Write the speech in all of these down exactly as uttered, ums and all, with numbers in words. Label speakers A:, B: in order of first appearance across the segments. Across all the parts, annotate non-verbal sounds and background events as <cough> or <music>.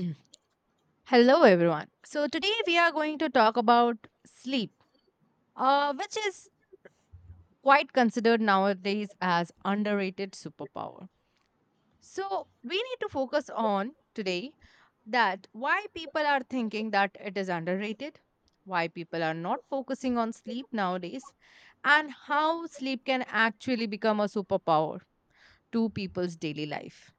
A: Mm. Hello, everyone. So, today we are going to talk about sleep, uh, which is quite considered nowadays as underrated superpower. So, we need to focus on today that why people are thinking that it is underrated, why people are not focusing on sleep nowadays, and how sleep can actually become a superpower to people's daily life.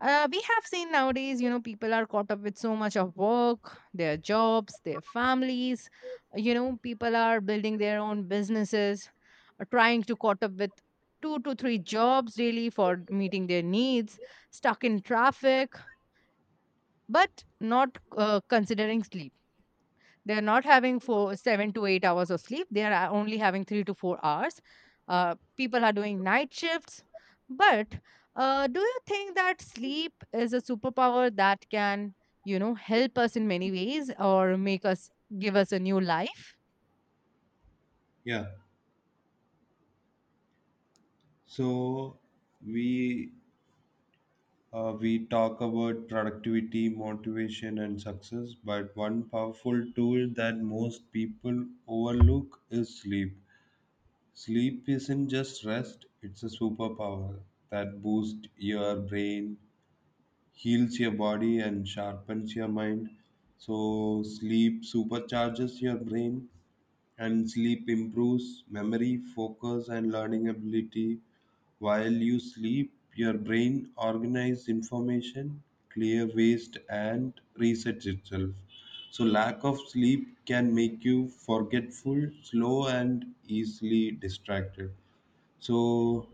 A: uh, We have seen nowadays, you know, people are caught up with so much of work, their jobs, their families. You know, people are building their own businesses, uh, trying to caught up with two to three jobs daily for meeting their needs, stuck in traffic, but not uh, considering sleep. They're not having four, seven to eight hours of sleep. They are uh, only having three to four hours. Uh, people are doing night shifts. But uh, do you think that sleep is a superpower that can, you know, help us in many ways or make us give us a new life?
B: Yeah. So we uh, we talk about productivity, motivation, and success, but one powerful tool that most people overlook is sleep. Sleep isn't just rest; it's a superpower that boosts your brain, heals your body, and sharpens your mind. So sleep supercharges your brain, and sleep improves memory, focus, and learning ability. While you sleep, your brain organizes information, clear waste, and resets itself. So lack of sleep can make you forgetful, slow, and easily distracted. So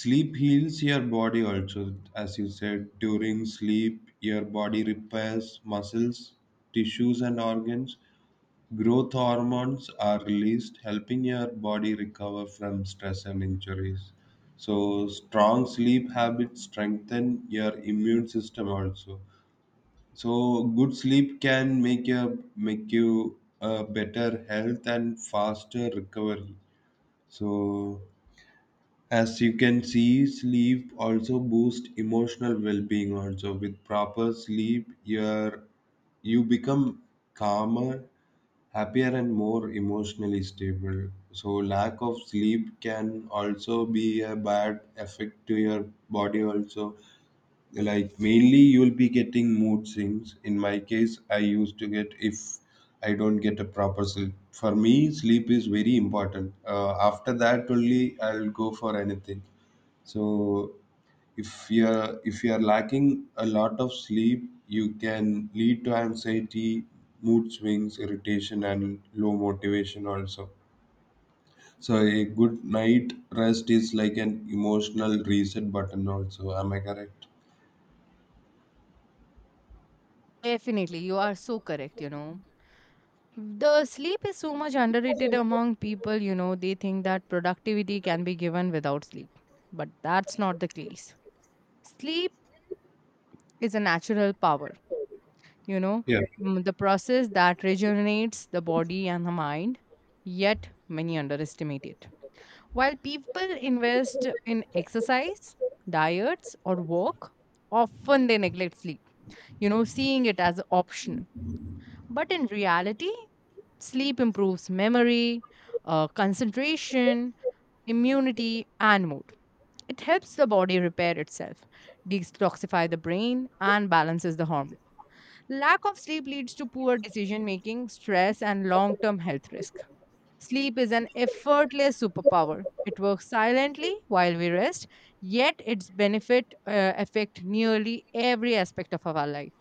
B: sleep heals your body also, as you said. During sleep, your body repairs muscles, tissues, and organs. Growth hormones are released, helping your body recover from stress and injuries. So strong sleep habits strengthen your immune system also. So good sleep can make your make you a better health and faster recovery. So, as you can see, sleep also boosts emotional well-being. Also, with proper sleep, your you become calmer, happier, and more emotionally stable. So lack of sleep can also be a bad effect to your body also. Like mainly you'll be getting mood swings. In my case, I used to get if I don't get a proper sleep. For me, sleep is very important. Uh, after that only I'll go for anything. So if you're if you're lacking a lot of sleep, you can lead to anxiety, mood swings, irritation, and low motivation also. So a good night rest is like an emotional reset button also. Am I correct?
A: Definitely, you are so correct, you know. The sleep is so much underrated among people. You know, they think that productivity can be given without sleep. But that's not the case. Sleep is a natural power, you know,
B: Yeah.
A: mm, the process that rejuvenates the body and the mind, yet many underestimate it. While people invest in exercise, diets, or work, often they neglect sleep, you know, seeing it as optional. But in reality, sleep improves memory, uh, concentration, immunity, and mood. It helps the body repair itself, detoxify the brain, and balances the hormones. Lack of sleep leads to poor decision making, stress, and long term health risk. Sleep is an effortless superpower. It works silently while we rest, yet its benefit uh, affect nearly every aspect of our life.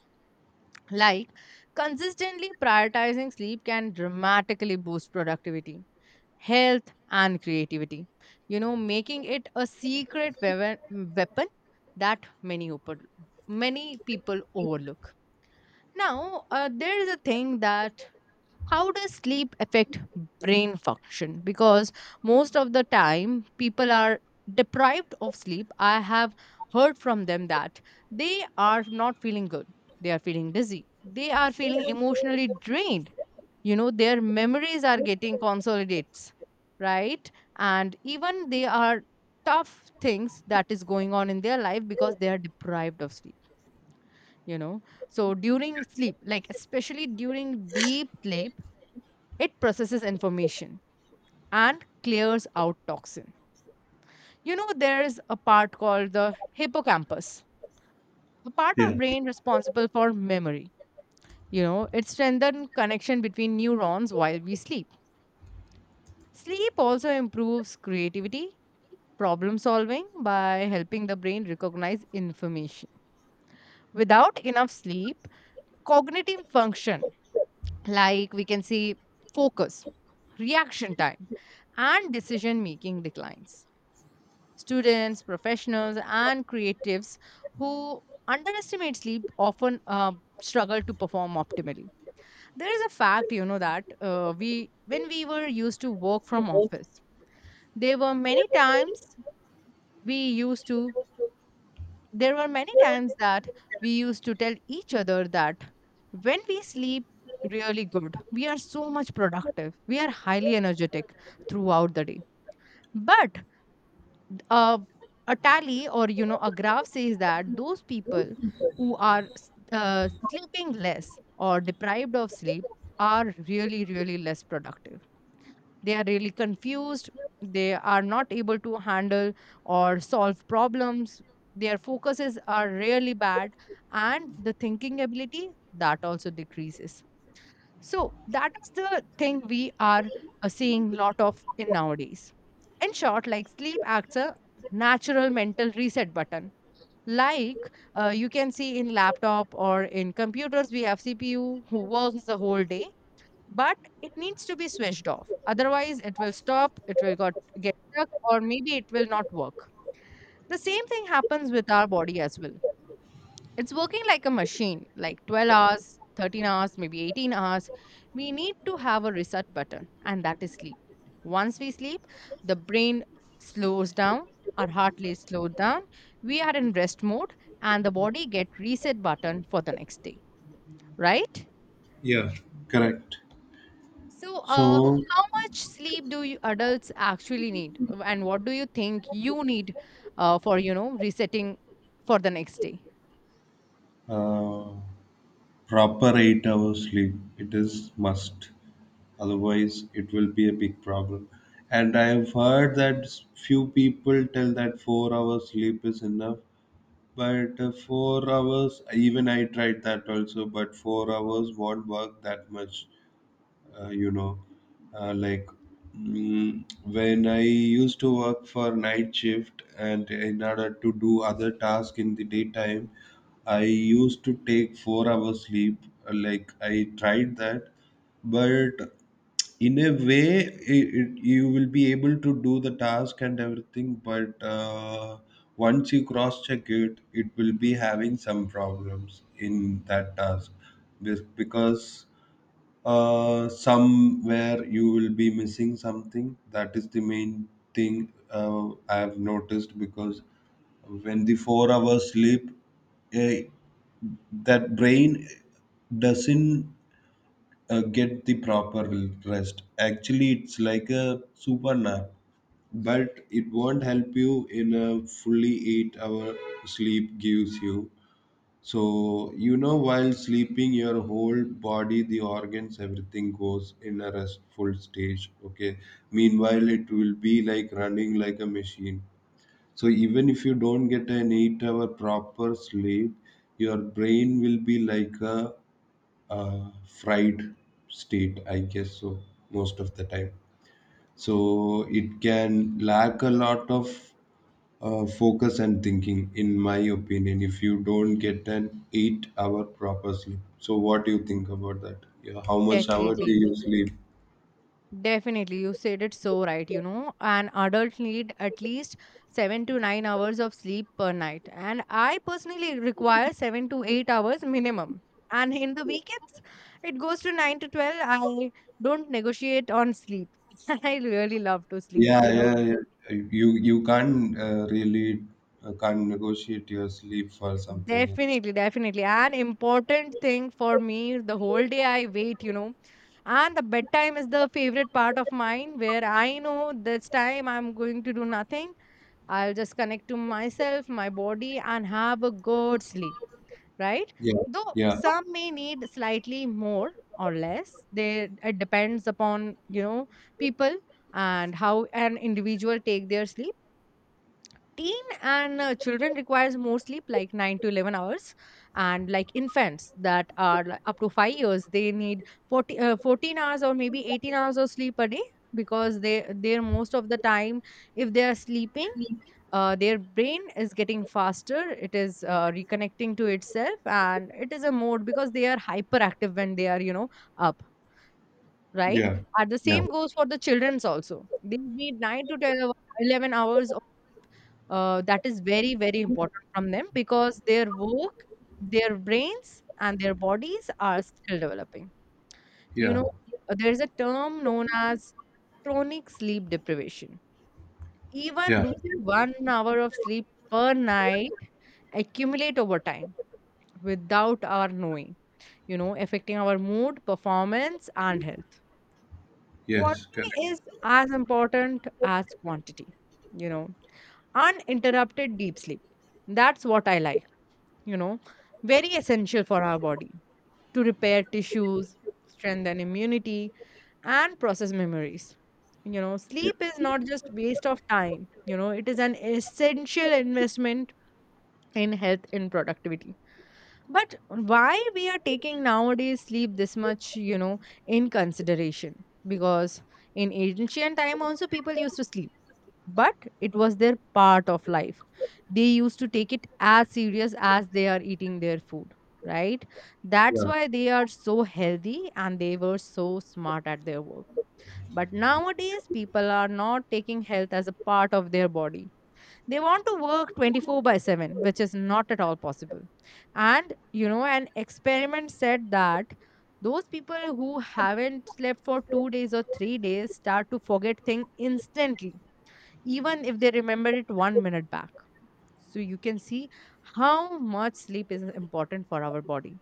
A: Like consistently prioritizing sleep can dramatically boost productivity, health, and creativity. You know, making it a secret weapon weapon that many open, many people overlook. Now, uh, there is a thing that how does sleep affect brain function? Because most of the time, people are deprived of sleep. I have heard from them that they are not feeling good. They are feeling dizzy. They are feeling emotionally drained. You know, their memories are getting consolidates, right? And even they are tough things that is going on in their life because they are deprived of sleep, you know. So during sleep, like especially during deep sleep, it processes information and clears out toxin. You know, there is a part called the hippocampus, a part of
B: Yeah,
A: brain responsible for memory. You know, it strengthens connection between neurons while we sleep. Sleep also improves creativity, problem solving, by helping the brain recognize information. Without enough sleep, cognitive function, like we can see, focus, reaction time, and decision making declines. Students, professionals, and creatives who underestimate sleep often uh, struggle to perform optimally. There is a fact, you know, that uh, we when we were used to work from office, there were many times we used to there were many times that we used to tell each other that when we sleep really good, we are so much productive, we are highly energetic throughout the day. But uh, a tally, or you know, a graph says that those people who are s- uh, sleeping less or deprived of sleep are really really less productive. They are really confused. They are not able to handle or solve problems. Their focuses are really bad, and the thinking ability that also decreases. So that is the thing we are uh, seeing lot of in nowadays. In short, like sleep acts a natural mental reset button. Like uh, you can see in laptop or in computers, we have C P U who works the whole day, but it needs to be switched off, otherwise it will stop, it will got, get stuck, or maybe it will not work. The same thing happens with our body as well. It's working like a machine, like twelve hours, thirteen hours, maybe eighteen hours. We need to have a reset button, and that is sleep. Once we sleep, the brain slows down, our heart rate slows down, we are in rest mode, and the body get reset button for the next day, right?
B: yeah, correct.
A: So, uh,
B: So
A: how much sleep do you adults actually need? Uh, and what do you think you need uh, for, you know, resetting for the next day?
B: uh, proper eight hours sleep, it is must, otherwise it will be a big problem. And I have heard that s- few people tell that four hours sleep is enough, but uh, four hours, even I tried that also, but four hours won't work that much. uh, you know uh, like mm, when I used to work for night shift and in order to do other tasks in the daytime, I used to take four hours sleep. Uh, Like I tried that, but in a way it, it, you will be able to do the task and everything, but uh, once you cross check it, it will be having some problems in that task. This- because uh, somewhere you will be missing something. That is the main thing uh, I have noticed. Because when the four hours sleep, eh, that brain doesn't uh, get the proper rest. Actually, it's like a super nap, but it won't help you in a fully eight hour sleep gives you. So, you know, while sleeping, your whole body, the organs, everything goes in a restful stage. Okay. Meanwhile, it will be like running like a machine. So even if you don't get an eight hour proper sleep, your brain will be like a uh, fried state, I guess so, most of the time. So it can lack a lot of uh, focus and thinking, in my opinion, if you don't get an eight hour proper sleep. So what do you think about that? Yeah, how much hour do
A: Definitely.
B: you sleep?
A: Definitely, you said it so right. You know, an adult need at least seven to nine hours of sleep per night, and I personally require seven to eight hours minimum. And in the weekends, it goes to nine to twelve. I don't negotiate on sleep. <laughs> I really love to sleep.
B: Yeah,
A: You know,
B: yeah, yeah. you you can't uh, really uh, can't negotiate your sleep for something else.
A: definitely, definitely, an important thing for me. The whole day I wait. You know, and the bedtime is the favorite part of mine, where I know this time I'm going to do nothing. I'll just connect to myself, my body, and have a good sleep, right?
B: Yeah,
A: Though
B: yeah,
A: some may need slightly more or less, they it depends upon, you know, people and how an individual take their sleep. Teen and uh, children requires more sleep, like nine to eleven hours, and like infants that are like, up to five years, they need forty, uh, fourteen hours or maybe eighteen hours of sleep a day, because they they're most of the time, if they are sleeping, uh, their brain is getting faster, it is uh, reconnecting to itself, and it is a mode because they are hyperactive when they are, you know, up, right?
B: yeah,
A: And the
B: yeah,
A: same goes for the children's also. They need nine to ten hour- eleven hours of, uh, that is very very important from them because their work, their brains and their bodies are still developing, you
B: yeah,
A: know. Uh, there's a term known as chronic sleep deprivation. Even
B: yeah.
A: losing one hour of sleep per night accumulate over time without our knowing, you know, affecting our mood, performance, and health. Quality
B: Yes, correct.
A: is as important as quantity, you know. Uninterrupted deep sleep. That's what I like, you know. Very essential for our body to repair tissues, strengthen immunity, and process memories. You know,
B: Yeah,
A: sleep is not just waste of time. You know, it is an essential investment in health and productivity. But why we are taking nowadays sleep this much, you know, in consideration? Because in ancient time also people used to sleep, but it was their part of life. They used to take it as serious as they are eating their food, right? That's
B: yeah,
A: why they are so healthy and they were so smart at their work. But nowadays people are not taking health as a part of their body. They want to work twenty-four by seven, which is not at all possible. And you know, an experiment said that those people who haven't slept for two days or three days start to forget things instantly, even if they remember it one minute back. So you can see how much sleep is important for our body,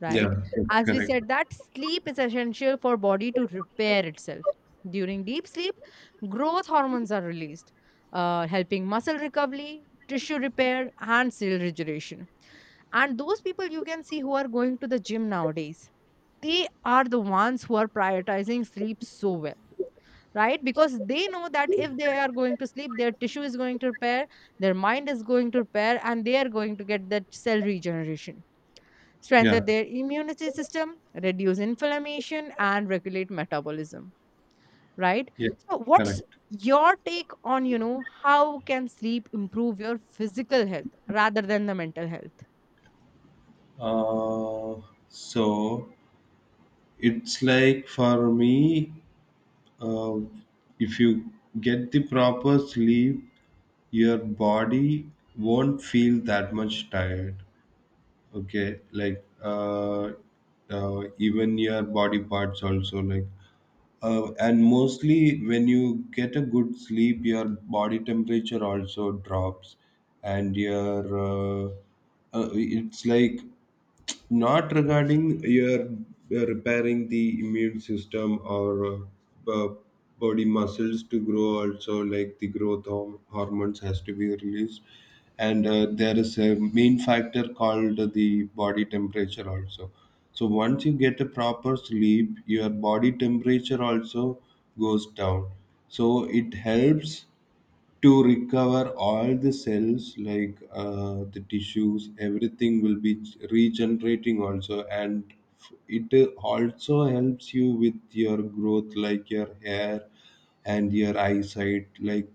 A: right?
B: yeah, yes,
A: As we
B: correct.
A: said that sleep is essential for body to repair itself. During deep sleep, growth hormones are released, uh, helping muscle recovery, tissue repair, and cell regeneration. And those people you can see who are going to the gym nowadays, they are the ones who are prioritizing sleep so well, right? Because they know that if they are going to sleep, their tissue is going to repair, their mind is going to repair, and they are going to get that cell regeneration,
B: Yeah,
A: strengthen their immunity system, reduce inflammation, and regulate metabolism. Right?
B: yeah,
A: So, what's
B: correct.
A: your take on, you know, how can sleep improve your physical health rather than the mental health?
B: Uh, so it's like for me, uh, if you get the proper sleep, your body won't feel that much tired. Okay, like uh, uh, even your body parts also, like uh, and mostly when you get a good sleep, your body temperature also drops, and your uh, uh, it's like not regarding your uh, repairing the immune system or uh, uh, body muscles to grow also, like the growth horm- hormones has to be released. And uh, there is a main factor called the body temperature also. So once you get a proper sleep, your body temperature also goes down, so it helps to recover all the cells, like uh, the tissues, everything will be regenerating also. And f- it also helps you with your growth, like your hair and your eyesight, like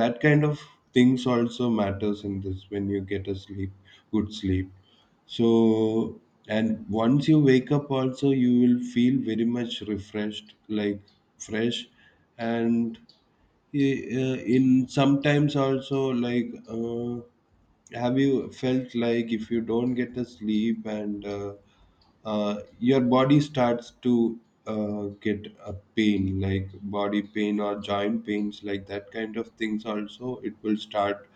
B: that kind of things also matters in this when you get a sleep, good sleep. So, and once you wake up also, you will feel very much refreshed, like fresh. And uh, in sometimes also, like uh, have you felt like if you don't get the sleep, and uh, uh, your body starts to uh, get a pain, like body pain or joint pains, like that kind of things also, it will start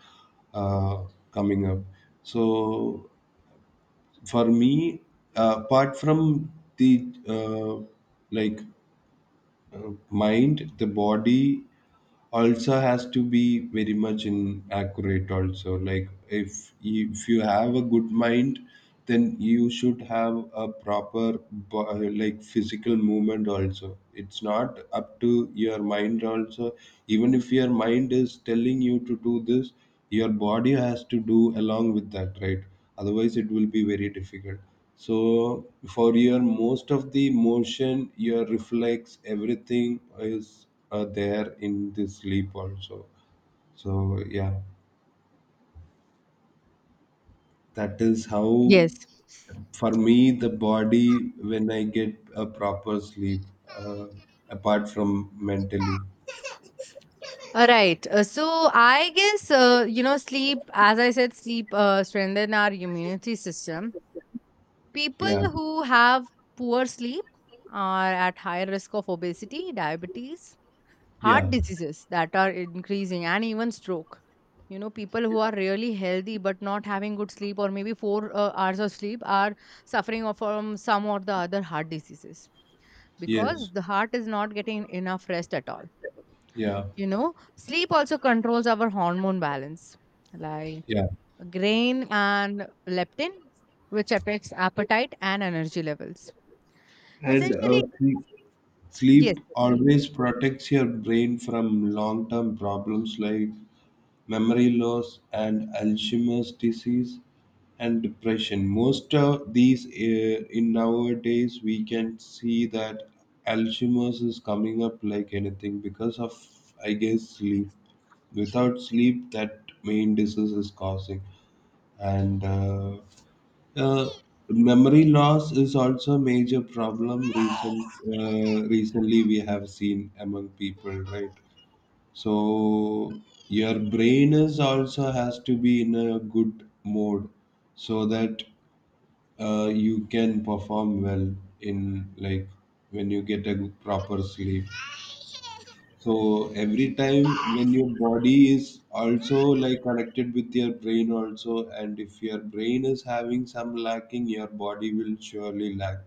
B: uh, coming up. So for me, uh, apart from the uh, like uh, mind, the body also has to be very much in accurate also. Like if you, if you have a good mind, then you should have a proper bo- uh, like physical movement also. It's not up to your mind also. Even if your mind is telling you to do this, your body has to do along with that, right? Otherwise it will be very difficult. So for your most of the motion, your reflex, everything is uh, there in the sleep also. So yeah, that is how
A: Yes.
B: for me the body when I get a proper sleep, uh, apart from mentally.
A: All right. Uh, so I guess, uh, you know, sleep. As I said, sleep uh, strengthen our immunity system.
B: Yeah,
A: People who have poor sleep are at higher risk of obesity, diabetes,
B: yeah,
A: heart diseases that are increasing, and even stroke. You know, people who
B: yeah,
A: are really healthy but not having good sleep, or maybe four uh, hours of sleep, are suffering of- from some or the other heart diseases, because
B: yes,
A: the heart is not getting enough rest at all.
B: yeah,
A: You know, sleep also controls our hormone balance, like
B: yeah.
A: grain and leptin, which affects appetite and energy levels,
B: And uh,
A: essentially.
B: sleep,
A: Yes.
B: sleep always protects your brain from long-term problems like memory loss, and Alzheimer's disease and depression. Most of these, uh, in nowadays, we can see that Alzheimer's is coming up like anything because of, I guess, sleep. Without sleep, that main disease is causing, and uh, uh, memory loss is also a major problem. Recent, uh, recently, we have seen among people, right? So your brain is also has to be in a good mode, so that uh, you can perform well in like when you get a good proper sleep. So every time when your body is also like connected with your brain also, and if your brain is having some lacking, your body will surely lack.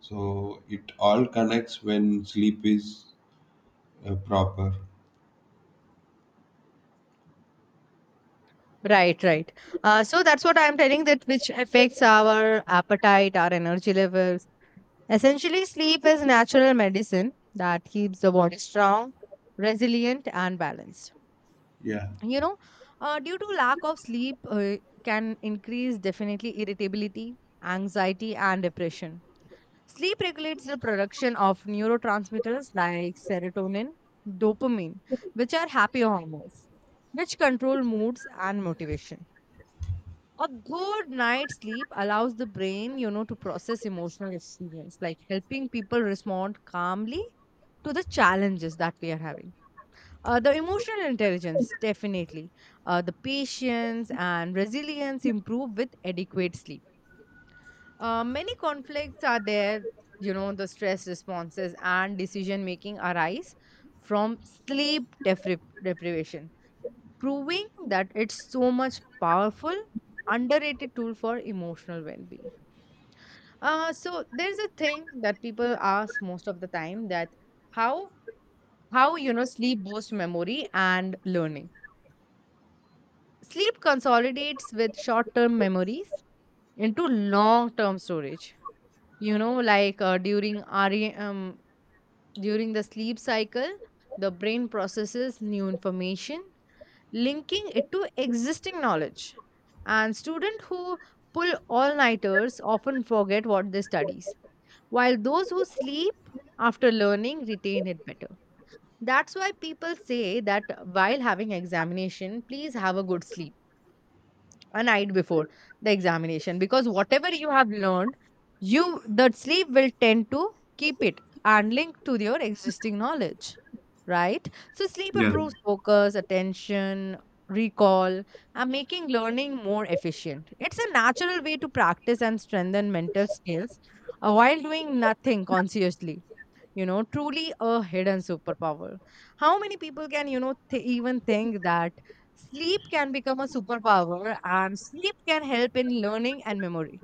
B: So it all connects when sleep is uh, proper.
A: Right, right. Uh, so that's what I'm telling, that which affects our appetite, our energy levels. Essentially, sleep is natural medicine that keeps the body strong, resilient, and balanced.
B: Yeah,
A: You know, uh, due to lack of sleep, uh, can increase definitely irritability, anxiety, and depression. Sleep regulates the production of neurotransmitters like serotonin, dopamine, which are happy hormones, which control moods and motivation. A good night's sleep allows the brain, you know, to process emotional experience, like helping people respond calmly to the challenges that we are having. Uh, the emotional intelligence, definitely. Uh, the patience and resilience improve with adequate sleep. Uh, many conflicts are there, you know, the stress responses and decision making arise from sleep depri- deprivation, proving that it's so much powerful underrated tool for emotional well-being. Uh, so there's a thing that people ask most of the time, that how how, you know, sleep boosts memory and learning. Sleep consolidates with short-term memories into long-term storage, you know, like uh, during R E M, during the sleep cycle the brain processes new information, linking it to existing knowledge. And students who pull all nighters often forget what they studies, while those who sleep after learning retain it better. That's why people say that while having examination, please have a good sleep a night before the examination, because whatever you have learned, you the sleep will tend to keep it and link to your existing knowledge, right? So sleep
B: yes,
A: improves focus, attention, recall and making learning more efficient. It's a natural way to practice and strengthen mental skills, uh, while doing nothing consciously, you know, truly a hidden superpower. How many people can, you know, th- even think that sleep can become a superpower and sleep can help in learning and memory?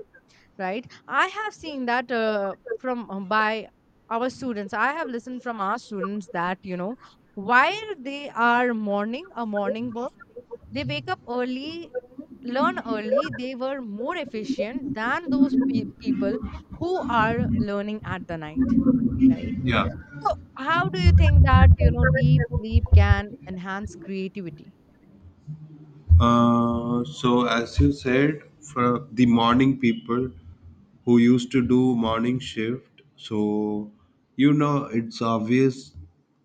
A: Right, I have seen that uh, from uh, by our students. I have listened from our students that, you know, while they are morning a morning bird, they wake up early, learn early. They were more efficient than those pe- people who are learning at the night, right?
B: yeah.
A: So, how do you think that, you know, deep sleep can enhance creativity?
B: Uh, so as you said, for the morning people who used to do morning shift, so you know it's obvious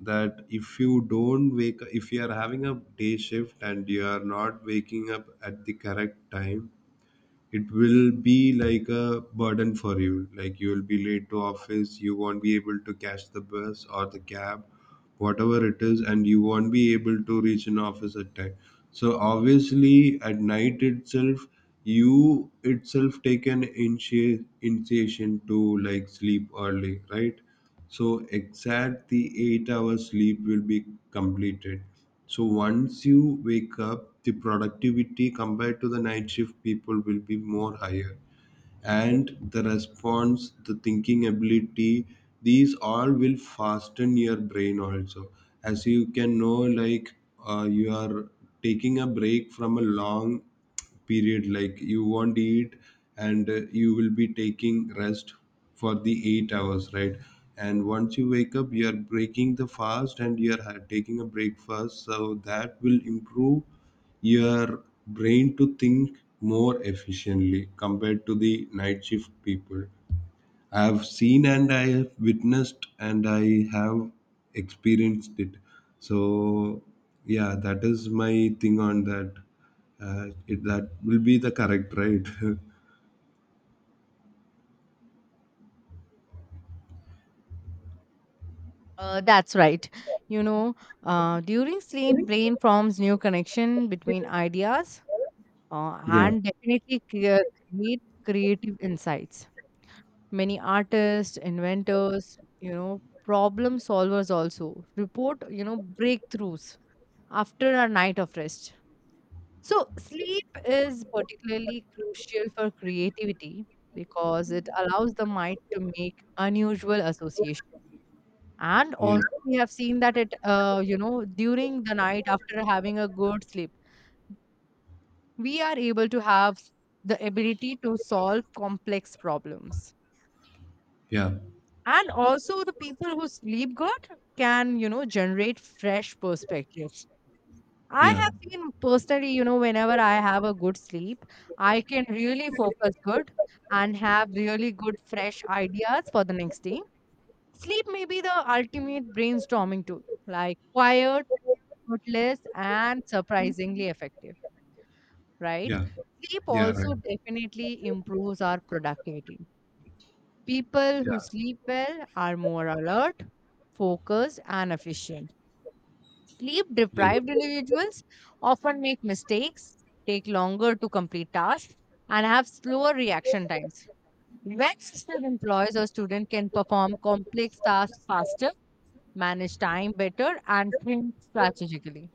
B: that if you don't wake, if you are having a day shift and you are not waking up at the correct time, it will be like a burden for you. Like you will be late to office, you won't be able to catch the bus or the cab, whatever it is, and you won't be able to reach an office at time. So obviously, at night itself, you itself take an initi- initiation to like sleep early, right? So exact the eight hours sleep will be completed. So once you wake up, the productivity compared to the night shift people will be more higher. And the response, the thinking ability, these all will fasten your brain also. As you can know, like uh, you are taking a break from a long period, like you won't eat and uh, you will be taking rest for the eight hours, right? And once you wake up, you are breaking the fast and you are ha- taking a breakfast, so that will improve your brain to think more efficiently compared to the night shift people. I have seen and I have witnessed and I have experienced it. So yeah, that is my thing on that. Uh, it, that will be the correct, right? <laughs>
A: Uh, that's right. You know, uh, during sleep, brain forms new connection between ideas, uh,
B: Yeah,
A: and definitely crea- create creative insights. Many artists, inventors, you know, problem solvers also report, you know, breakthroughs after a night of rest. So, sleep is particularly crucial for creativity because it allows the mind to make unusual associations. And
B: yeah,
A: also, we have seen that it, uh, you know, during the night after having a good sleep, we are able to have s- the ability to solve complex problems.
B: yeah,
A: And also, the people who sleep good can, you know, generate fresh perspectives. I
B: yeah,
A: have seen personally, you know, whenever I have a good sleep, I can really focus good and have really good fresh ideas for the next day. Sleep may be the ultimate brainstorming tool, like quiet, rootless, and surprisingly effective, right?
B: yeah,
A: Sleep
B: yeah, right.
A: also definitely improves our productivity. People
B: Yeah,
A: who sleep well are more alert, focused, and efficient. Sleep
B: yeah.
A: deprived individuals often make mistakes, take longer to complete tasks, and have slower reaction times. When skilled employees or students can perform complex tasks faster, manage time better, and think strategically.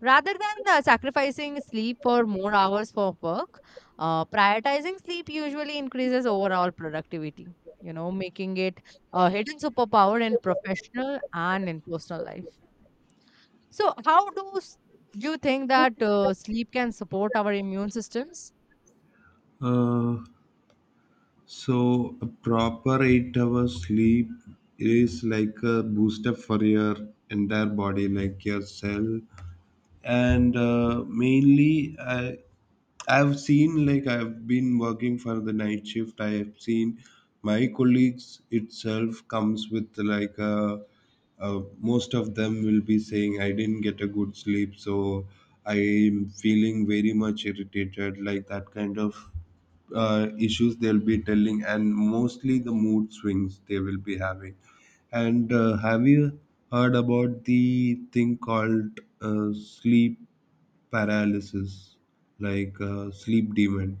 A: Rather than uh, sacrificing sleep for more hours for work, uh, prioritizing sleep usually increases overall productivity, you know, making it a hidden superpower in professional and in personal life. So, how do s- you think that uh, sleep can support our immune systems?
B: Uh, So a proper eight hours sleep is like a booster for your entire body, like your cell. And uh, mainly uh, I've seen, like I've been working for the night shift. I have seen my colleagues itself comes with like uh, uh, most of them will be saying I didn't get a good sleep, so I'm feeling very much irritated. Like that kind of uh, issues they'll be telling, and mostly the mood swings they will be having. And uh, have you heard about the thing called uh, sleep paralysis, like uh, sleep demon?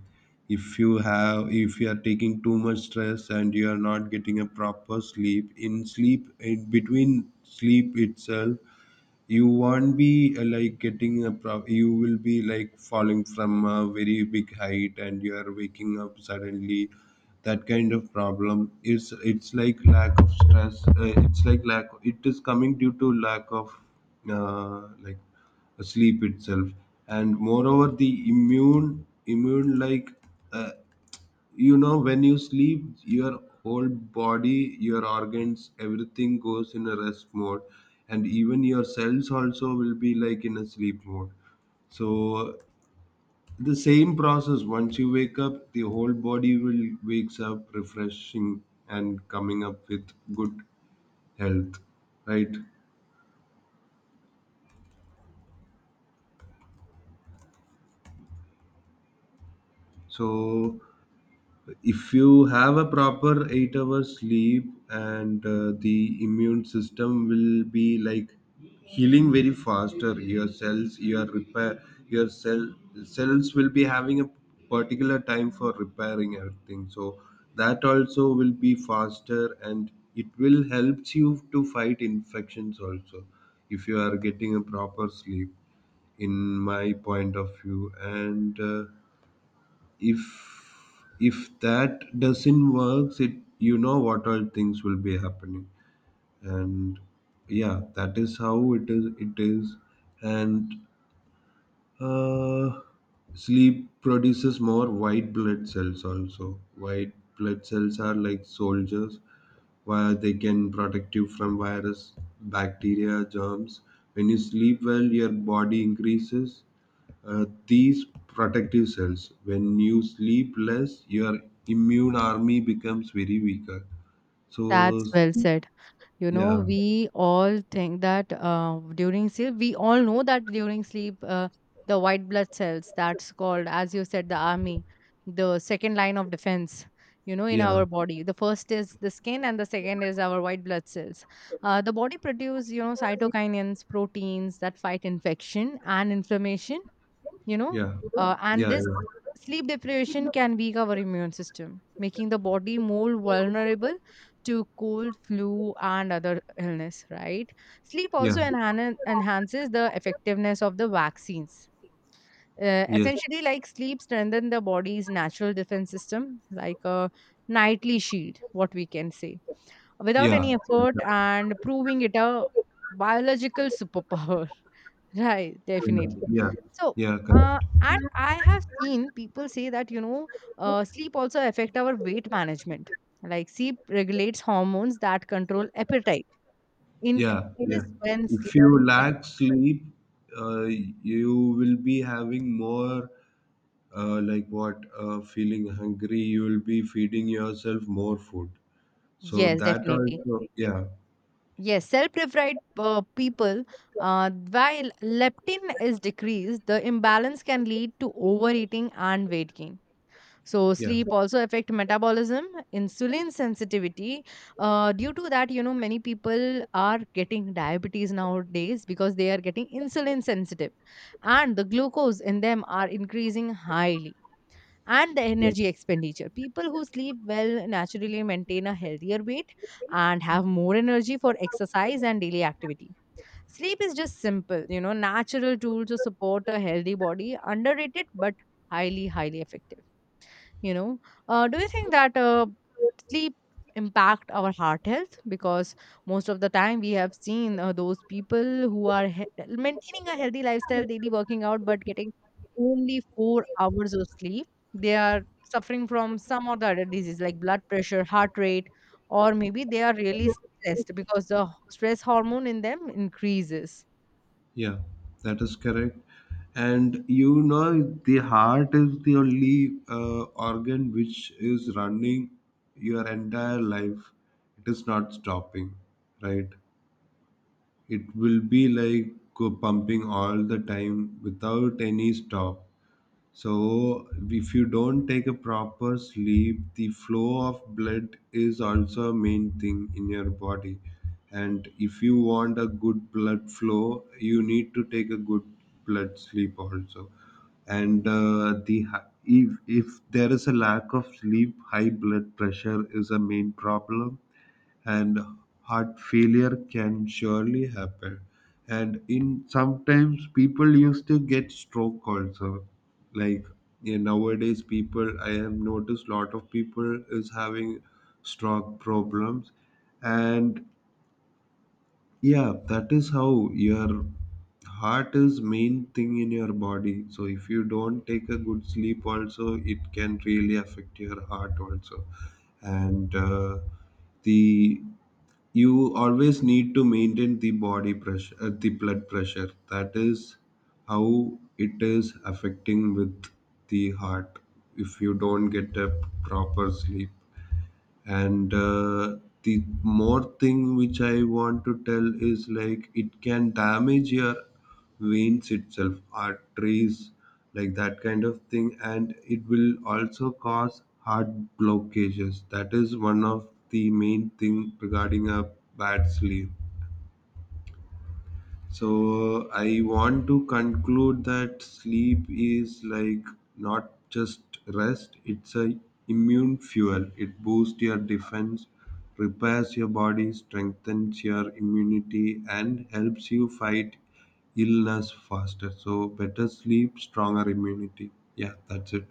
B: If you have, if you are taking too much stress and you are not getting a proper sleep, in sleep, in between sleep itself, you won't be uh, like getting a pro- you will be like falling from a very big height and you are waking up suddenly. That kind of problem is, it's like lack of stress, uh, it's like lack, it is coming due to lack of uh, like sleep itself. And moreover, the immune immune like uh, you know, when you sleep, your whole body, your organs, everything goes in a rest mode. And even your cells also will be like in a sleep mode. So the same process, once you wake up, the whole body will wakes up refreshing and coming up with good health, right? So if you have a proper eight hours sleep, and uh, the immune system will be like healing very faster. Your cells, your repair, your cell cells will be having a particular time for repairing everything, so that also will be faster, and it will helps you to fight infections also, if you are getting a proper sleep, in my point of view. And uh, if if that doesn't work, it, you know what all things will be happening. And yeah, that is how it is it is. And uh, sleep produces more white blood cells also. White blood cells are like soldiers, where they can protect you from virus, bacteria, germs. When you sleep well, your body increases uh, these protective cells. When you sleep less, your immune army becomes very weaker. So,
A: That's well said. You know,
B: yeah,
A: we all think that uh, during sleep, we all know that during sleep, uh, the white blood cells, that's called, as you said, the army, the second line of defense, you know, in
B: yeah.
A: our body. The first is the skin, and the second is our white blood cells. Uh, the body produce, you know, cytokinins, proteins that fight infection and inflammation, you know,
B: Yeah.
A: uh, and
B: Yeah.
A: this
B: Yeah.
A: sleep deprivation can weak our immune system, making the body more vulnerable to cold flu and other illness, right? Sleep
B: Yeah.
A: also enhan- enhances the effectiveness of the vaccines. Uh,
B: Yes.
A: essentially, like sleep strengthen the body's natural defense system like a nightly shield, what we can say, without
B: Yeah.
A: any effort and proving it a biological superpower. Right,
B: Yeah.
A: definitely.
B: Yeah.
A: So,
B: Yeah. Correct.
A: uh, and I have seen people say that, you know, uh, sleep also affect our weight management. Like sleep regulates hormones that control appetite,
B: Yeah,
A: increases
B: yeah.
A: when
B: If
A: sleep
B: you
A: deprived.
B: lack sleep, uh, you will be having more, uh, like what, uh, feeling hungry. You will be feeding yourself more food. So
A: Yes,
B: that
A: definitely.
B: also, yeah.
A: Yes, self-deprived uh, people, uh, while leptin is decreased, the imbalance can lead to overeating and weight gain. So
B: Yeah.
A: sleep also affect metabolism, insulin sensitivity. Uh, due to that, you know, many people are getting diabetes nowadays because they are getting insulin sensitive and the glucose in them are increasing highly. And the
B: Yeah,
A: energy expenditure, people who sleep well naturally maintain a healthier weight and have more energy for exercise and daily activity. Sleep is just simple, you know, natural tool to support a healthy body, underrated but highly highly effective, you know. Uh, do you think that uh, sleep impact our heart health? Because most of the time we have seen uh, those people who are he- maintaining a healthy lifestyle, daily working out, but getting only four hours of sleep, they are suffering from some or the other disease like blood pressure, heart rate, or maybe they are really stressed because the h- stress hormone in them increases.
B: yeah, that is correct. And you know, the heart is the only uh, organ which is running your entire life. It is not stopping, right? It will be like uh, pumping all the time without any stop. So if you don't take a proper sleep, the flow of blood is also a main thing in your body. And if you want a good blood flow, you need to take a good blood sleep also. And uh, the hi- if if there is a lack of sleep, high blood pressure is a main problem. And heart failure can surely happen. And in sometimes people used to get stroke also. Like yeah, nowadays people, I have noticed lot of people is having stroke problems. And yeah, that is how your heart is main thing in your body. So if you don't take a good sleep also, it can really affect your heart also. And uh, the you always need to maintain the body pressure, uh, the blood pressure. That is how it is affecting with the heart, if you don't get a proper sleep. And uh, the more thing which I want to tell is like it can damage your veins itself, arteries, like that kind of thing, and it will also cause heart blockages. That is one of the main thing regarding a bad sleep. So I want to conclude that sleep is like not just rest, it's a immune fuel. It boosts your defense, repairs your body, strengthens your immunity, and helps you fight illness faster. So better sleep, stronger immunity. Yeah, that's it.